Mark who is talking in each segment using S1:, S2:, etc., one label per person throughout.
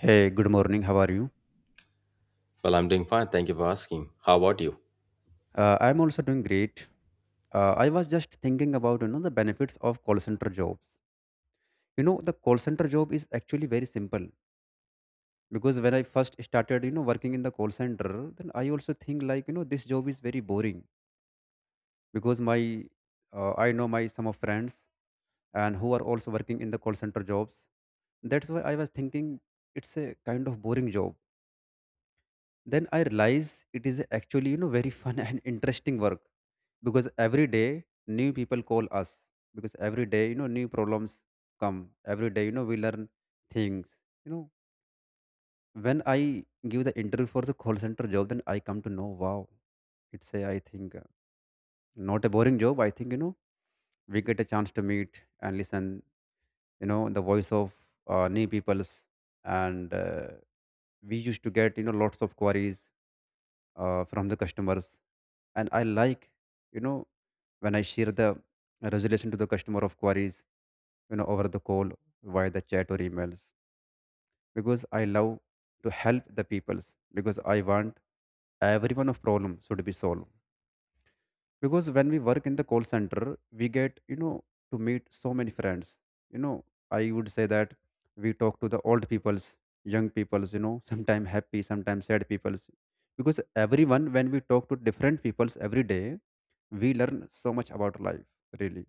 S1: Hey, good morning. How are you?
S2: Well, I'm doing fine. Thank you for asking. How about you?
S1: I'm also doing great. I was just thinking about the benefits of call center jobs. You know the call center job is actually very simple because when I first started working in the call center, then I also think like this job is very boring because my I know my some of friends and who are also working in the call center jobs. That's why I was thinking it's a kind of boring job, then I realize it is actually very fun and interesting work, because every day new people call us, because every day new problems come every day we learn things. You know when I give the interview for the call center job, then I come to know, wow, it's a I think not a boring job, I think. We get a chance to meet and listen the voice of new peoples, and we used to get lots of queries from the customers. And I like, you know when I share the resolution to the customer of queries over the call via the chat or emails, because I love to help the peoples, because I want every one of problem should be solved. Because when we work in the call center we get to meet so many friends. You know i would say that we talk to the old peoples, young peoples, sometimes happy sometimes sad peoples, because everyone when we talk to different peoples every day, we learn so much about life, really,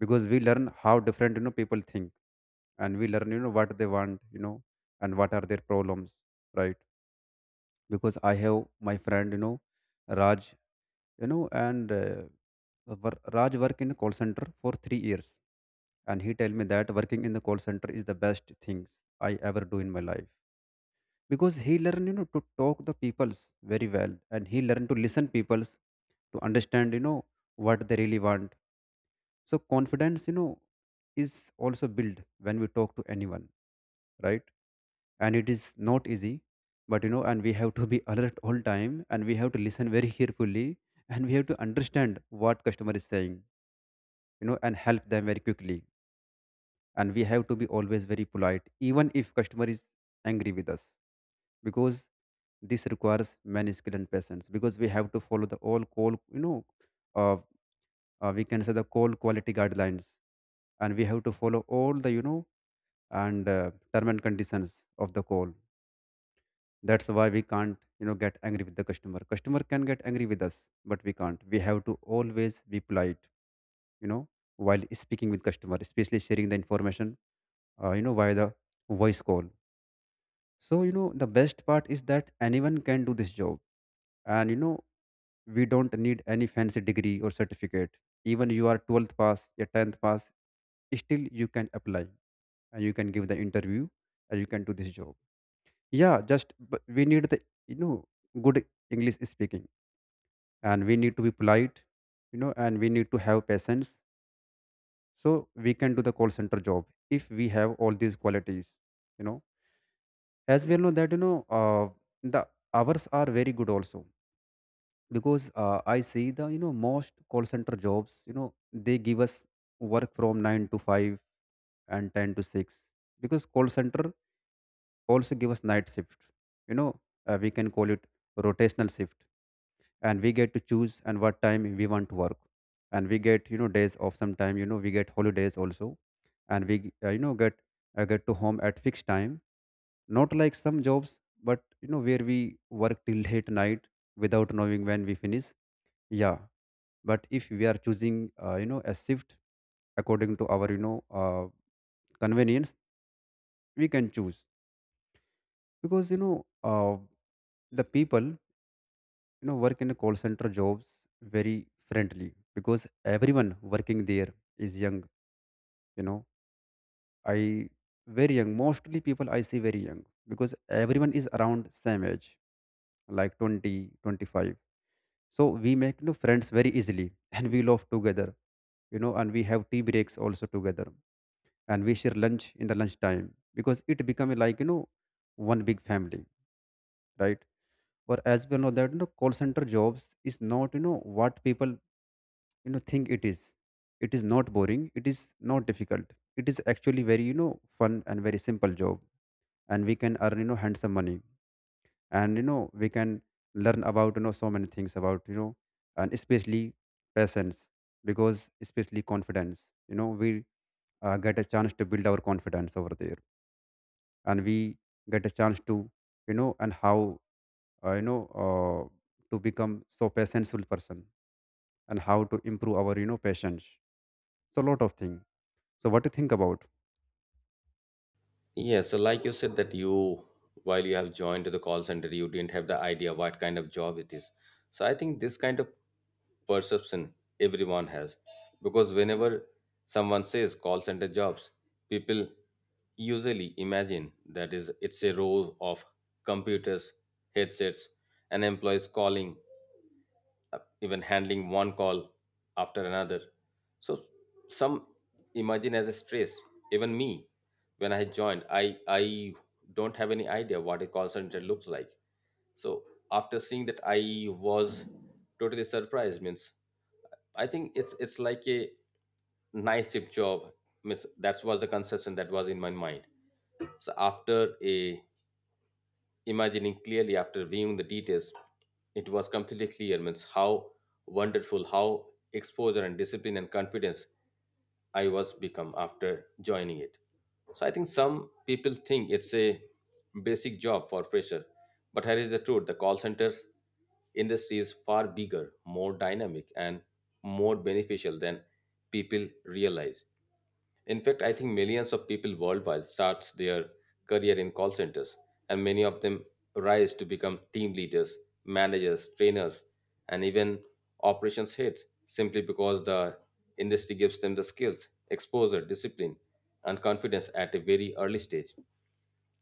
S1: because we learn how different people think and we learn what they want, and what are their problems, right? Because I have my friend, Raj, you know, and uh, Raj work in a call center for 3 years, and he tell me that working in the call center is the best things I ever do in my life, because he learn, to talk the peoples very well, and he learn to listen peoples to understand, what they really want. So confidence, is also built when we talk to anyone, right? And it is not easy, but and we have to be alert all time and we have to listen very carefully and we have to understand what customer is saying, and help them very quickly. And we have to be always very polite even if customer is angry with us, because this requires many skill and patience, because we have to follow the all call uh, we can say the call quality guidelines, and we have to follow all the and term and conditions of the call. That's why we can't get angry with the customer. Customer can get angry with us, but we can't, we have to always be polite you know while speaking with customer, especially sharing the information via the voice call. So the best part is that anyone can do this job, and we don't need any fancy degree or certificate. Even you are 12th pass, your 10th pass, still you can apply and you can give the interview and you can do this job. Yeah, just but we need the you know good English speaking and we need to be polite, and we need to have patience, so we can do the call center job if we have all these qualities. You know as well know that the hours are very good also, because I see the most call center jobs they give us work from 9 to 5 and 10 to 6. Because call center also give us night shift, you know we can call it rotational shift, and we get to choose and what time we want to work. And we get days off sometime, we get holidays also, and we get get to home at fixed time, not like some jobs. But where we work till late night without knowing when we finish. Yeah, but if we are choosing a shift according to our convenience, we can choose. Because uh, the people work in a call center jobs very friendly, because everyone working there is young. you know I very young mostly people I see very young, because everyone is around same age like 20 25. So we make, friends very easily and we love together. And we have tea breaks also together, and we share lunch in the lunch time, because it become like one big family, right? Or as we know that call center jobs is not what people think it is. It is not boring, it is not difficult, it is actually very fun and very simple job. And we can earn handsome money, and we can learn about so many things about and especially patience, because especially confidence, we get a chance to build our confidence over there. And we get a chance to and how uh, you know uh, to become so patientful person and how to improve our patience. So lot of things. So what do you think about?
S2: Yeah, so like you said that you, while you have joined the call center, you didn't have the idea what kind of job it is. So I think this kind of perception everyone has, because whenever someone says call center jobs, people usually imagine that is it's a row of computers, headsets, and employees calling, even handling one call after another. So some imagine as a stress, even me when I joined, I don't have any idea what a call center looks like. So after seeing that, I was totally surprised. Means I think it's like a nice shift job. Means that was the conception that was in my mind. So after a imagining clearly, after viewing the details, it was completely clear. Means how wonderful, how exposure and discipline and confidence I was become after joining it. So I think some people think it's a basic job for fresher, but here is the truth: the call centers industry is far bigger, more dynamic, and more beneficial than people realize. In fact, I think millions of people worldwide starts their career in call centers, and many of them rise to become team leaders, managers, trainers, and even operations heads simply because the industry gives them the skills, exposure, discipline, and confidence at a very early stage.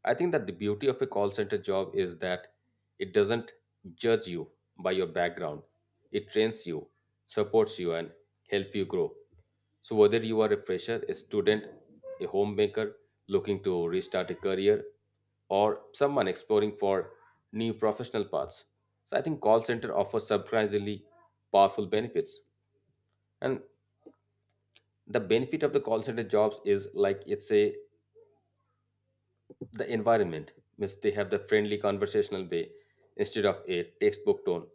S2: I think that the beauty of a call center job is that it doesn't judge you by your background. It trains you, supports you, and helps you grow. So whether you are a fresher, a student, a homemaker looking to restart a career, or someone exploring for new professional paths, so I think call center offers surprisingly powerful benefits. And the benefit of the call center jobs is like it's a the environment means they have the friendly conversational way instead of a textbook tone,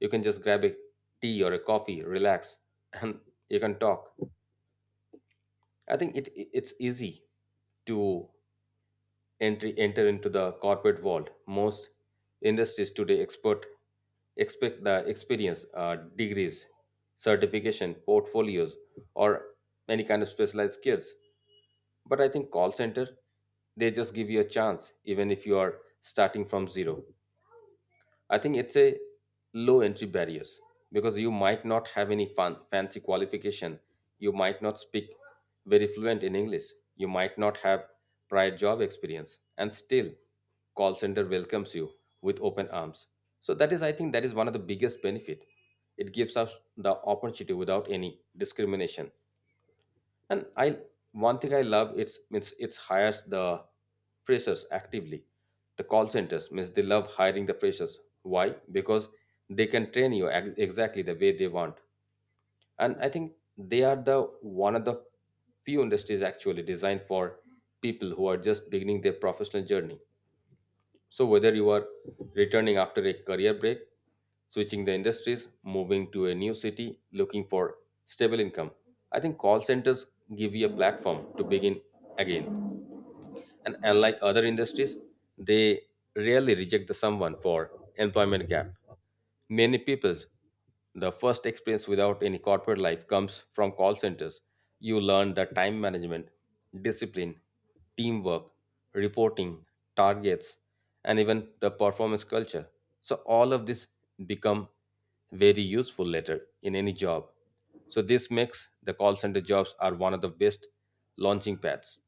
S2: you can just grab a tea or a coffee relax, and you can talk. I think it's easy to entry enter into the corporate world. Most industries today expert expect the experience, degrees, certification, portfolios, or any kind of specialized skills, but I think call center, they just give you a chance even if you are starting from zero. I think it's a low entry barriers because you might not have any fun, fancy qualification. You might not speak very fluent in English. You might not have prior job experience. And still, call center welcomes you with open arms. So that is, I think, that is one of the biggest benefit. It gives us the opportunity without any discrimination. And I one thing I love, it's means it's hires the freshers actively. The call centers means they love hiring the freshers. Why? Because they can train you exactly the way they want. And I think they are the one of the few industries actually designed for people who are just beginning their professional journey. So, whether you are returning after a career break, switching the industries, moving to a new city, looking for stable income, I think call centers give you a platform to begin again. And unlike other industries, they rarely reject the someone for employment gap. Many people, the first experience without any corporate life comes from call centers. You learn the time management, discipline, teamwork, reporting, targets, and even the performance culture. So all of this become very useful later in any job. So this makes the call center jobs are one of the best launching pads.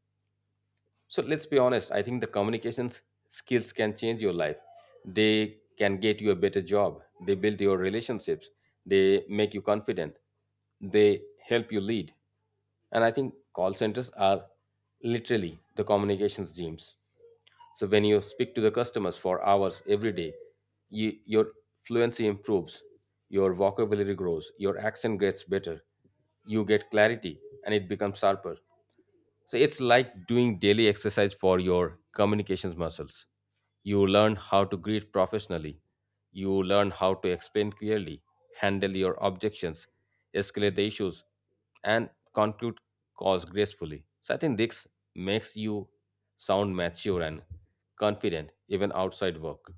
S2: So let's be honest, I think the communications skills can change your life. They can get you a better job, they build your relationships, they make you confident, they help you lead. And I think call centers are literally the communications gyms. So when you speak to the customers for hours every day, you, your fluency improves, your vocabulary grows, your accent gets better, you get clarity, and it becomes sharper. So it's like doing daily exercise for your communications muscles. You learn how to greet professionally. You learn how to explain clearly, handle your objections, escalate the issues, and conclude calls gracefully. So I think this makes you sound mature and confident even outside work.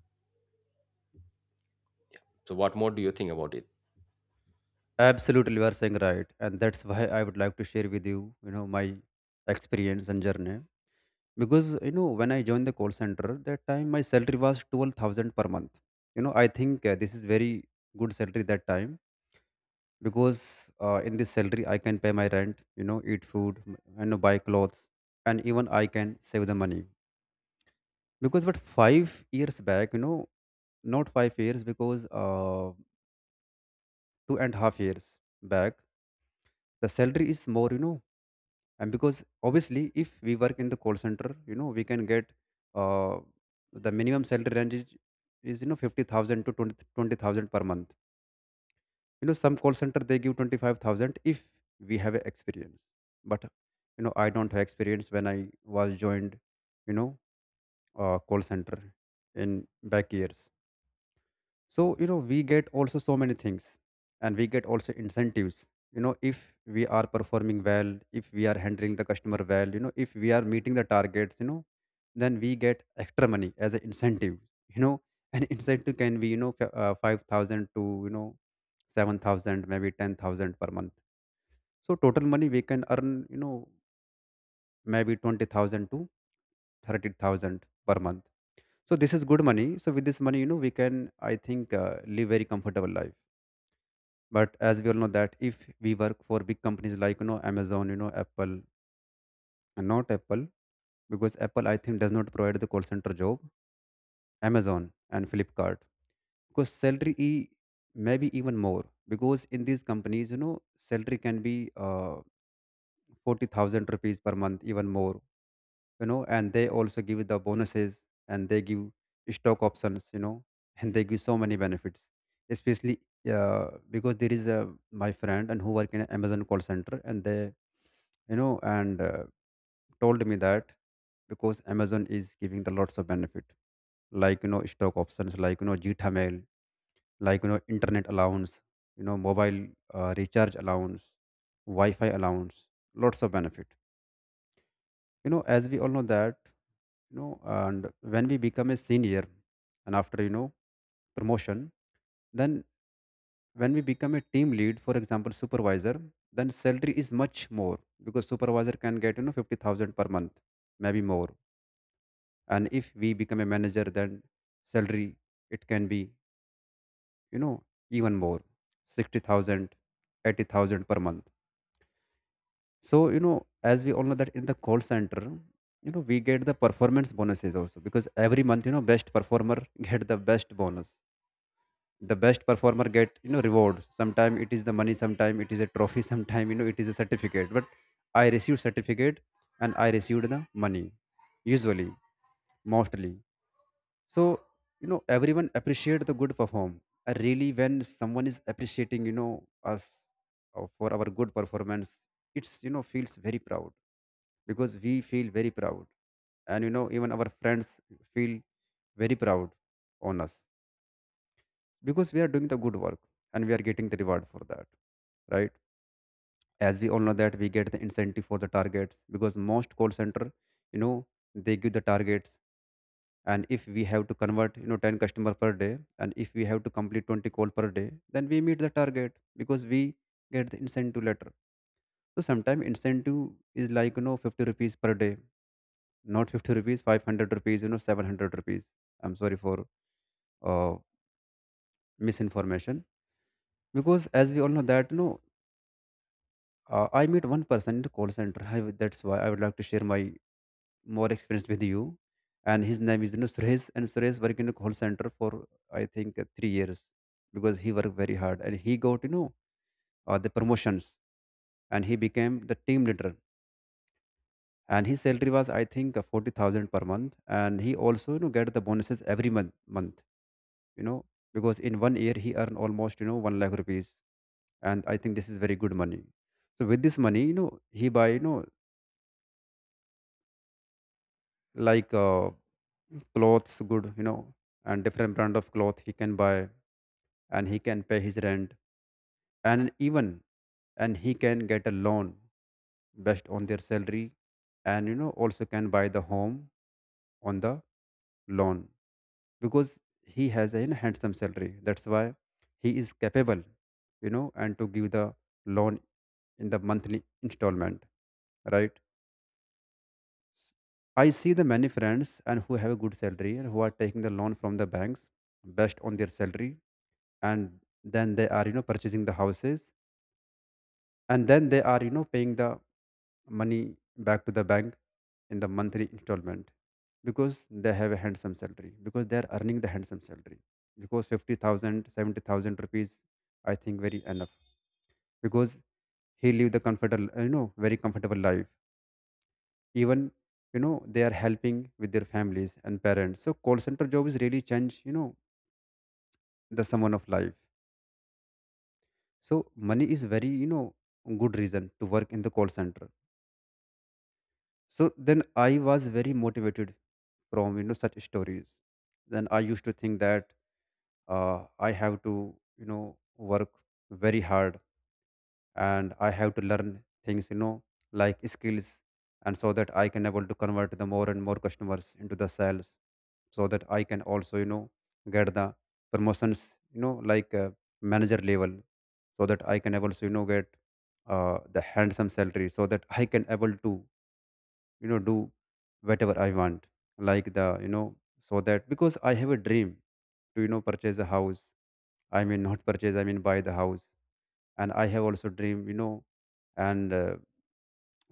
S2: So what more do you think about it?
S1: Absolutely, you are saying right, and that's why I would like to share with you, my experience and journey. Because when I joined the call center, that time my salary was 12,000 per month. I think this is very good salary that time, because in this salary I can pay my rent, eat food, buy clothes, and even I can save the money. Because but 5 years back, not 5 years because 2.5 years back, the salary is more, and because obviously if we work in the call center we can get uh, the minimum salary range is 50,000 to 20 20000 per month. Some call center they give 25,000 if we have experience, but I don't have experience when I was joined you know call center in back years. So we get also so many things. And we get also incentives, if we are performing well, if we are handling the customer well, if we are meeting the targets, then we get extra money as an incentive. you know an incentive can be 5,000 to 7,000, maybe 10,000 per month. So total money we can earn, maybe 20,000 to 30,000 per month. So this is good money, so with this money we can I think live very comfortable life. But as we all know that if we work for big companies like Amazon, Apple. And not Apple, because Apple I think does not provide the call center job. Amazon and Flipkart, because salary maybe even more, because in these companies salary can be 40,000 rupees per month, even more. And they also give the bonuses and they give stock options, and they give so many benefits. Especially because there is a my friend and who work in Amazon call center and they you know and told me that, because Amazon is giving the lots of benefit, like stock options, like Gita mail, like internet allowance, mobile recharge allowance, wi-fi allowance, lots of benefit. As we all know that you know and when we become a senior and after promotion, then when we become a team lead, for example supervisor, then salary is much more, because supervisor can get 50,000 per month, maybe more. And if we become a manager, then salary it can be you know even more, 60,000, 80,000 per month. So, as we all know that in the call center, we get the performance bonuses also, because every month, best performer get the best bonus. The best performer get, rewards. Sometime it is the money, sometime it is a trophy, sometime, it is a certificate. But I received certificate and I received the money, usually, mostly. So, everyone appreciate the good perform. Really, when someone is appreciating, us for our good performance, it's, feels very proud, because we feel very proud. And even our friends feel very proud on us, because we are doing the good work and we are getting the reward for that, right? As we all know that we get the incentive for the targets, because most call center, you know they give the targets. And if we have to convert, 10 customer per day, and if we have to complete 20 call per day, then we meet the target because we get the incentive letter. So sometimes incentive is like, 50 rupees per day. Not 50 rupees, 500 rupees, 700 rupees. I'm sorry for uh, misinformation, because as we all know that, I meet one person in the call center. That's why I would like to share my more experience with you. And his name is, Suresh. And Suresh worked in the call center for, I think, 3 years, because he worked very hard and he got, the promotions, and he became the team leader. And his salary was, I think, 40,000 per month, and he also get the bonuses every month, you know because in one year he earned almost, 1 lakh rupees, and I think this is very good money. So with this money, he buy, like uh, clothes good, and different brand of cloth he can buy, and he can pay his rent, and even, and he can get a loan based on their salary, and also can buy the home on the loan, because he has a handsome salary. That's why he is capable, and to give the loan in the monthly installment, right? S- I see the many friends and who have a good salary and who are taking the loan from the banks based on their salary, and then they are purchasing the houses, and then they are paying the money back to the bank in the monthly installment, because they have a handsome salary, because they are earning the handsome salary, because fifty thousand, 70000 rupees, I think, very enough. Because he live the comfortable, very comfortable life, even, they are helping with their families and parents. So call center job is really change, the someone of life. So money is very, good reason to work in the call center. So then I was very motivated from, such stories. Then I used to think that I have to work very hard, and I have to learn things, like skills, and so that I can able to convert the more and more customers into the sales, so that I can also get the promotions, manager level, so that I can able to get the handsome salary, so that I can able to do whatever I want, like the you know so that because I have a dream to purchase a house. I mean not purchase, I mean buy the house. And I have also dream, you know and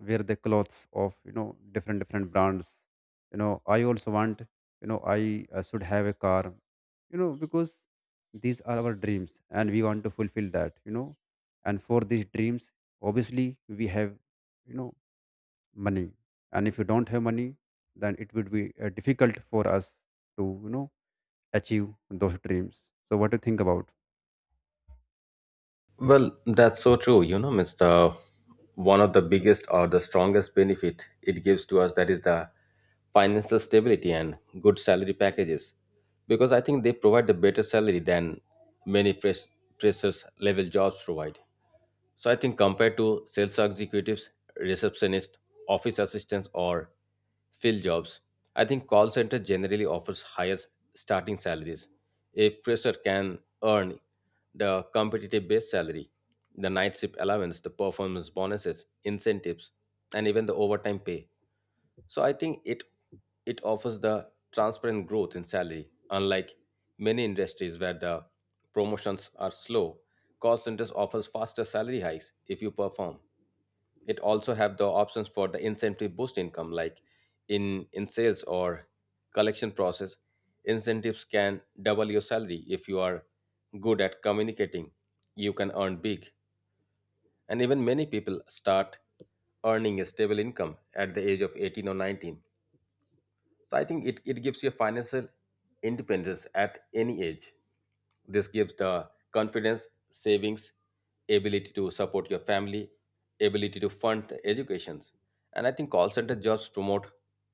S1: wear the clothes of, different different brands. I also want, I should have a car, because these are our dreams and we want to fulfill that, and for these dreams, obviously we have, you know money. And if you don't have money, then it would be difficult for us to achieve those dreams. So what do you think about?
S2: Well, that's so true. You know, it's the one of the biggest or the strongest benefit it gives to us that is the financial stability and good salary packages, because I think they provide the better salary than many freshers level jobs provide. So I think compared to sales executives, receptionists, office assistants, or field jobs, I think call center generally offers higher starting salaries. A fresher can earn the competitive base salary, the night shift allowance, the performance bonuses, incentives, and even the overtime pay. So I think it offers the transparent growth in salary, unlike many industries where the promotions are slow. Call centers offers faster salary hikes if you perform. It also have the options for the incentive boost income, like in sales or collection process. Incentives can double your salary if you are good at communicating. You can earn big, and even many people start earning a stable income at the age of 18 or 19. So I think it gives you financial independence at any age. This gives the confidence, savings, ability to support your family, ability to fund the educations. And I think call center jobs promote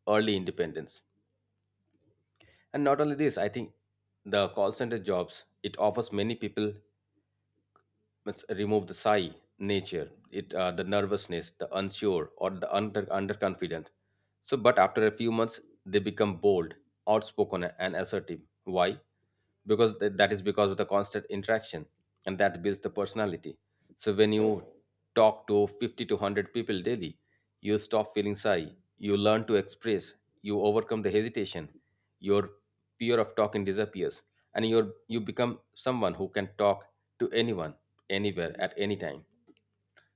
S2: early independence. And not only this, I think the call center jobs, it offers many people, let's remove the sigh nature, it the nervousness, the unsure, or the under underconfident, so but after a few months they become bold, outspoken, and assertive. Why? Because that is because of the constant interaction, and that builds the personality. So when you talk to 50 to 100 people daily, you stop feeling shy. You learn to express. You overcome the hesitation. Your fear of talking disappears. And you become someone who can talk to anyone, anywhere, at any time.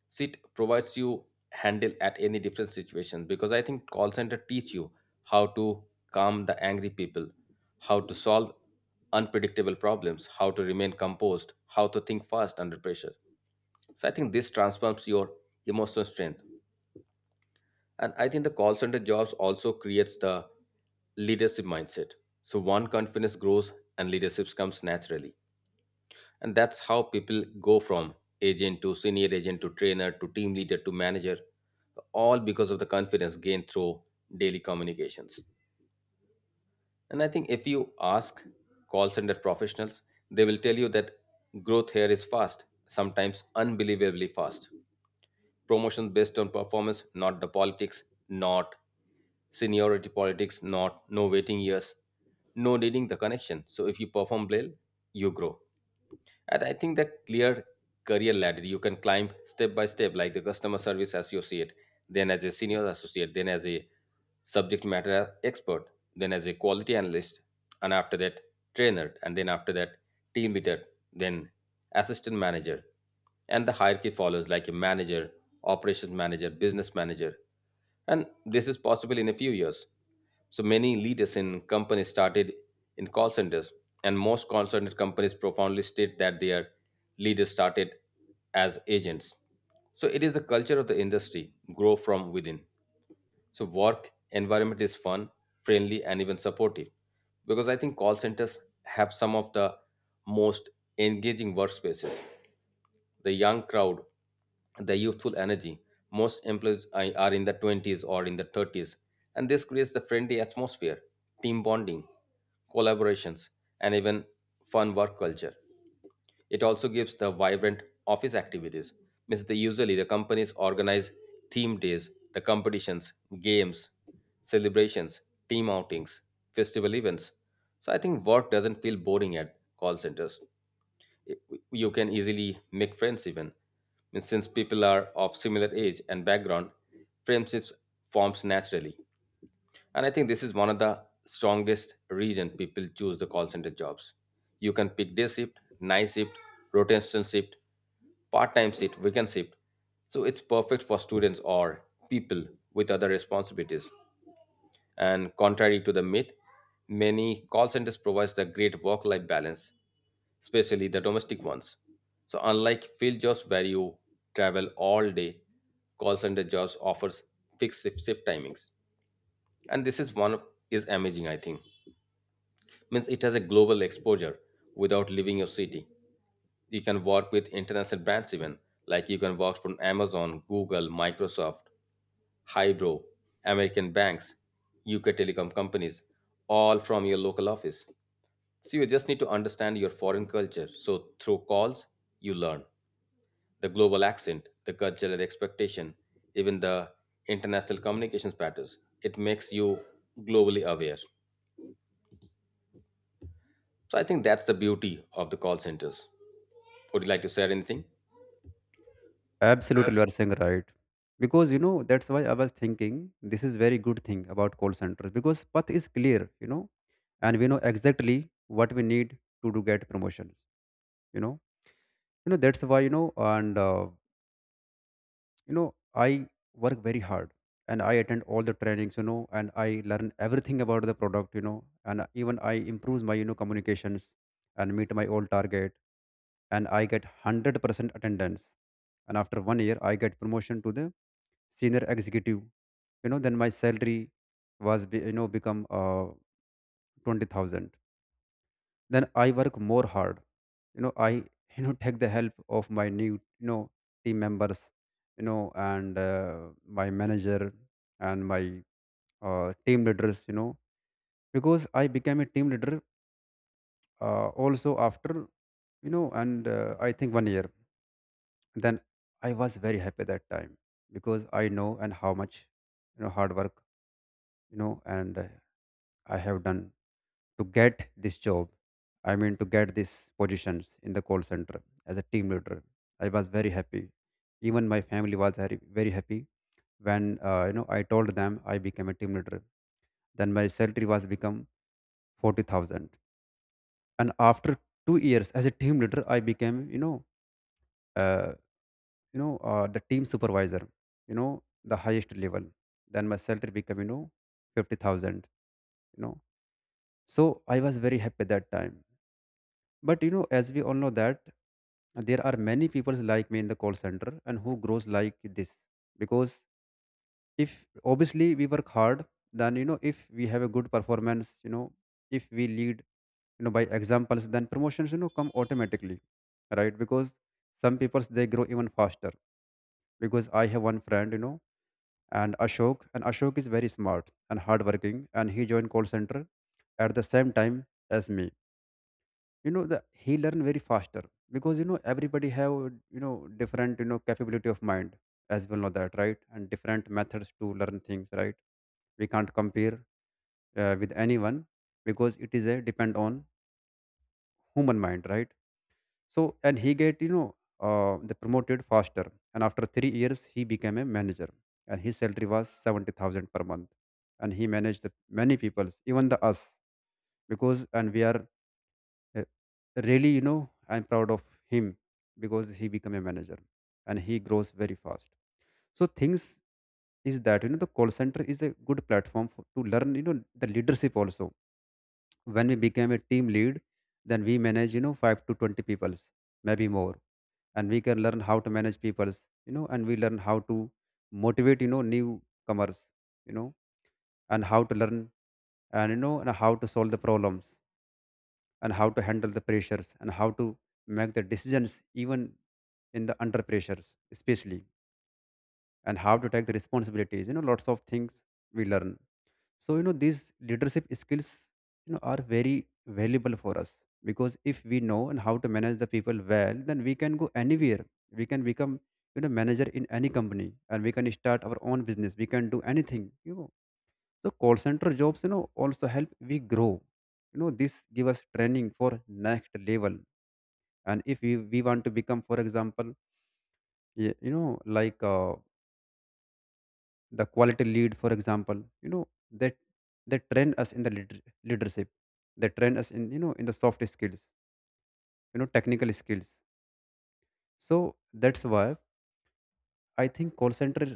S2: SIT provides you handle at any different situation, because I think call center teach you how to calm the angry people, how to solve unpredictable problems, how to remain composed, how to think fast under pressure. So I think this transforms your emotional strength. And I think the call center jobs also creates the leadership mindset. So one confidence grows and leadership comes naturally, and that's how people go from agent to senior agent to trainer to team leader to manager, all because of the confidence gained through daily communications. And I think if you ask call center professionals, they will tell you that growth here is fast, sometimes unbelievably fast. Promotion based on performance, not the politics, not seniority politics, not no waiting years, no needing the connection. So if you perform well, you grow. And I think the clear career ladder you can climb step by step, like the customer service associate, then as a senior associate, then as a subject matter expert, then as a quality analyst, and after that, trainer, and then after that, team leader, then assistant manager. And the hierarchy follows like a manager, operations manager, business manager. And this is possible in a few years. So many leaders in companies started in call centers, and most call center companies profoundly state that their leaders started as agents. So it is the culture of the industry, grow from within. So work environment is fun, friendly, and even supportive. Because I think call centers have some of the most engaging workspaces, the young crowd, the youthful energy. Most employees are in the 20s or in the 30s, and this creates the friendly atmosphere, team bonding, collaborations, and even fun work culture. It also gives the vibrant office activities. Means the usually the companies organize theme days, the competitions, games, celebrations, team outings, festival events. So I think work doesn't feel boring at call centers. You can easily make friends even, means since people are of similar age and background, friendships forms naturally. And I think this is one of the strongest reason people choose the call center jobs. You can pick day shift, night shift, rotational shift, part-time shift, weekend shift, so it's perfect for students or people with other responsibilities. And contrary to the myth, many call centers provides the great work-life balance, especially the domestic ones. So unlike field jobs where you travel all day, call center jobs offers fixed shift timings. And this is is amazing, I think. Means it has a global exposure without leaving your city. You can work with international brands even, like you can work from Amazon, Google, Microsoft, Hydro, American banks, UK telecom companies, all from your local office. So you just need to understand your foreign culture. So through calls, you learn the global accent, the cultural expectation, even the international communications patterns. It makes you globally aware. So I think that's the beauty of the call centers. Would you like to share anything?
S1: Absolutely, you are saying right, because, that's why I was thinking, this is very good thing about call centers, because path is clear, and we know exactly what we need to do get promotions, you know that's why, you know I work very hard, and I attend all the trainings, and I learn everything about the product, and even I improves my, communications, and meet my old target, and I get 100% attendance. And after one year I get promotion to the senior executive. Then my salary was become 20,000. Then I work more hard, I take the help of my new, you know team members, you know and my manager, and my team leaders, because I became a team leader, also after, you know and I think one year. Then I was very happy that time, because I know and how much, hard work, you know and I have done to get this job. I mean to get these positions in the call center as a team leader. I was very happy, even my family was very very happy when, I told them I became a team leader. Then my salary was become 40,000. And after 2 years as a team leader I became, uh, the team supervisor, you know the highest level. Then my salary became, 50,000, you know so I was very happy that time. But, as we all know that, there are many people like me in the call center and who grows like this. Because if obviously we work hard, then, if we have a good performance, if we lead, by examples, then promotions, come automatically, right? Because some people they grow even faster, because I have one friend, and Ashok is very smart and hardworking, and he joined call center at the same time as me. You know the He learn very faster, because, everybody have, you know different, capability of mind, as well know that, right? And different methods to learn things, right? We can't compare with anyone, because it is a depend on human mind, right? So and he get, the promoted faster, and after 3 years he became a manager, and his salary was 70,000 per month, and he managed the many peoples, even the us, because and we are, uh, really, I'm proud of him, because he became a manager and he grows very fast. So things is that, the call center is a good platform for, to learn, the leadership also. When we became a team lead, then we manage, 5 to 20 peoples, maybe more, and we can learn how to manage peoples, and we learn how to motivate, newcomers, you know, and how to learn, and you know and how to solve the problems, and how to handle the pressures, and how to make the decisions even in the under pressures especially, and how to take the responsibilities, lots of things we learn. So, these leadership skills, are very valuable for us, because if we know and how to manage the people well, then we can go anywhere. We can become, manager in any company, and we can start our own business, we can do anything, you know so call center jobs, also help we grow, this give us training for next level. And if we want to become, for example, y- you know like uh, the quality lead for example, that they train us in the leadership, they train us in, in the soft skills, technical skills. So that's why I think call center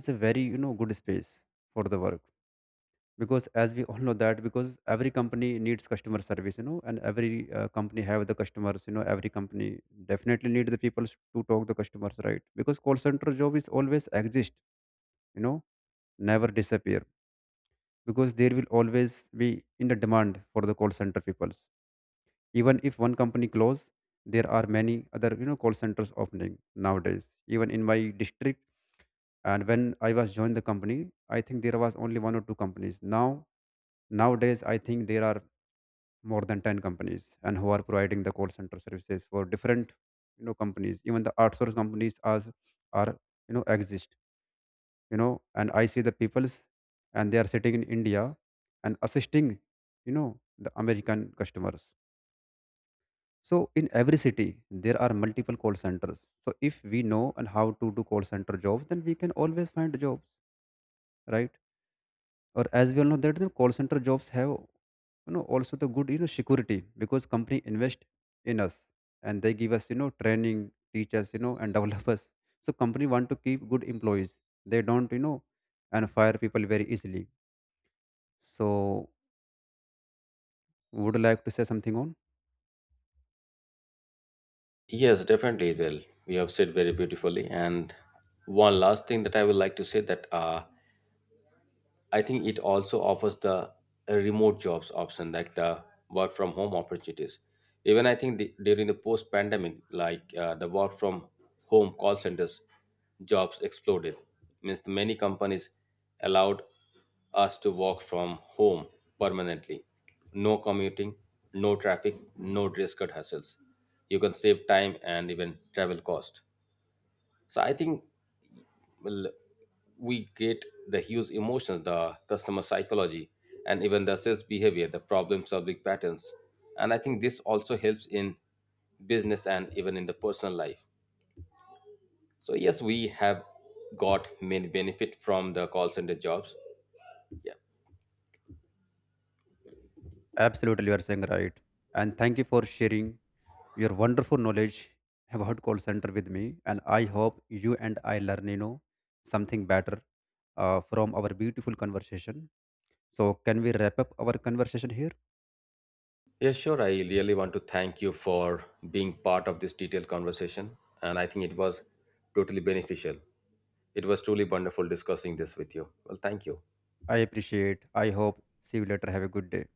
S1: is a very, good space for the work, because as we all know that, because every company needs customer service, and every company have the customers, every company definitely need the people to talk the customers, right? Because call center job is always exist, you know never disappear, because there will always be in the demand for the call center peoples. Even if one company close, there are many other, call centers opening nowadays, even in my district. And when I was joined the company, I think there was only one or two companies. Now nowadays I think there are more than 10 companies and who are providing the call center services for different, companies, even the outsource companies as are, exist, you know and I see the peoples, and they are sitting in India and assisting, you know the American customers. So in every city there are multiple call centers. So if we know and how to do call center jobs, then we can always find jobs, right? Or as we all know that the call center jobs have, also the good, security, because company invest in us, and they give us, training teachers, and develop us. So company want to keep good employees. They don't, and fire people very easily. So, would you like to say something on?
S2: Yes, definitely. Well, you have said very beautifully. And one last thing that I would like to say that I think it also offers the remote jobs option, like the work from home opportunities. Even I think the, during the post pandemic, like the work from home call centers jobs exploded. Means many companies allowed us to work from home permanently. No commuting, no traffic, no dress code hassles. You can save time and even travel cost. So I think well, we get the huge emotions, the customer psychology, and even the sales behavior, the problem solving patterns. And I think this also helps in business and even in the personal life. So yes, we have got many benefit from the call center jobs. Yeah.
S1: Absolutely, you are saying right. And thank you for sharing your wonderful knowledge about call center with me. And I hope you and I learn, something better from our beautiful conversation. So, can we wrap up our conversation here?
S2: Yeah, sure. I really want to thank you for being part of this detailed conversation. And I think it was totally beneficial. It was truly wonderful discussing this with you. Well, thank you.
S1: I appreciate. I hope. See you later. Have a good day.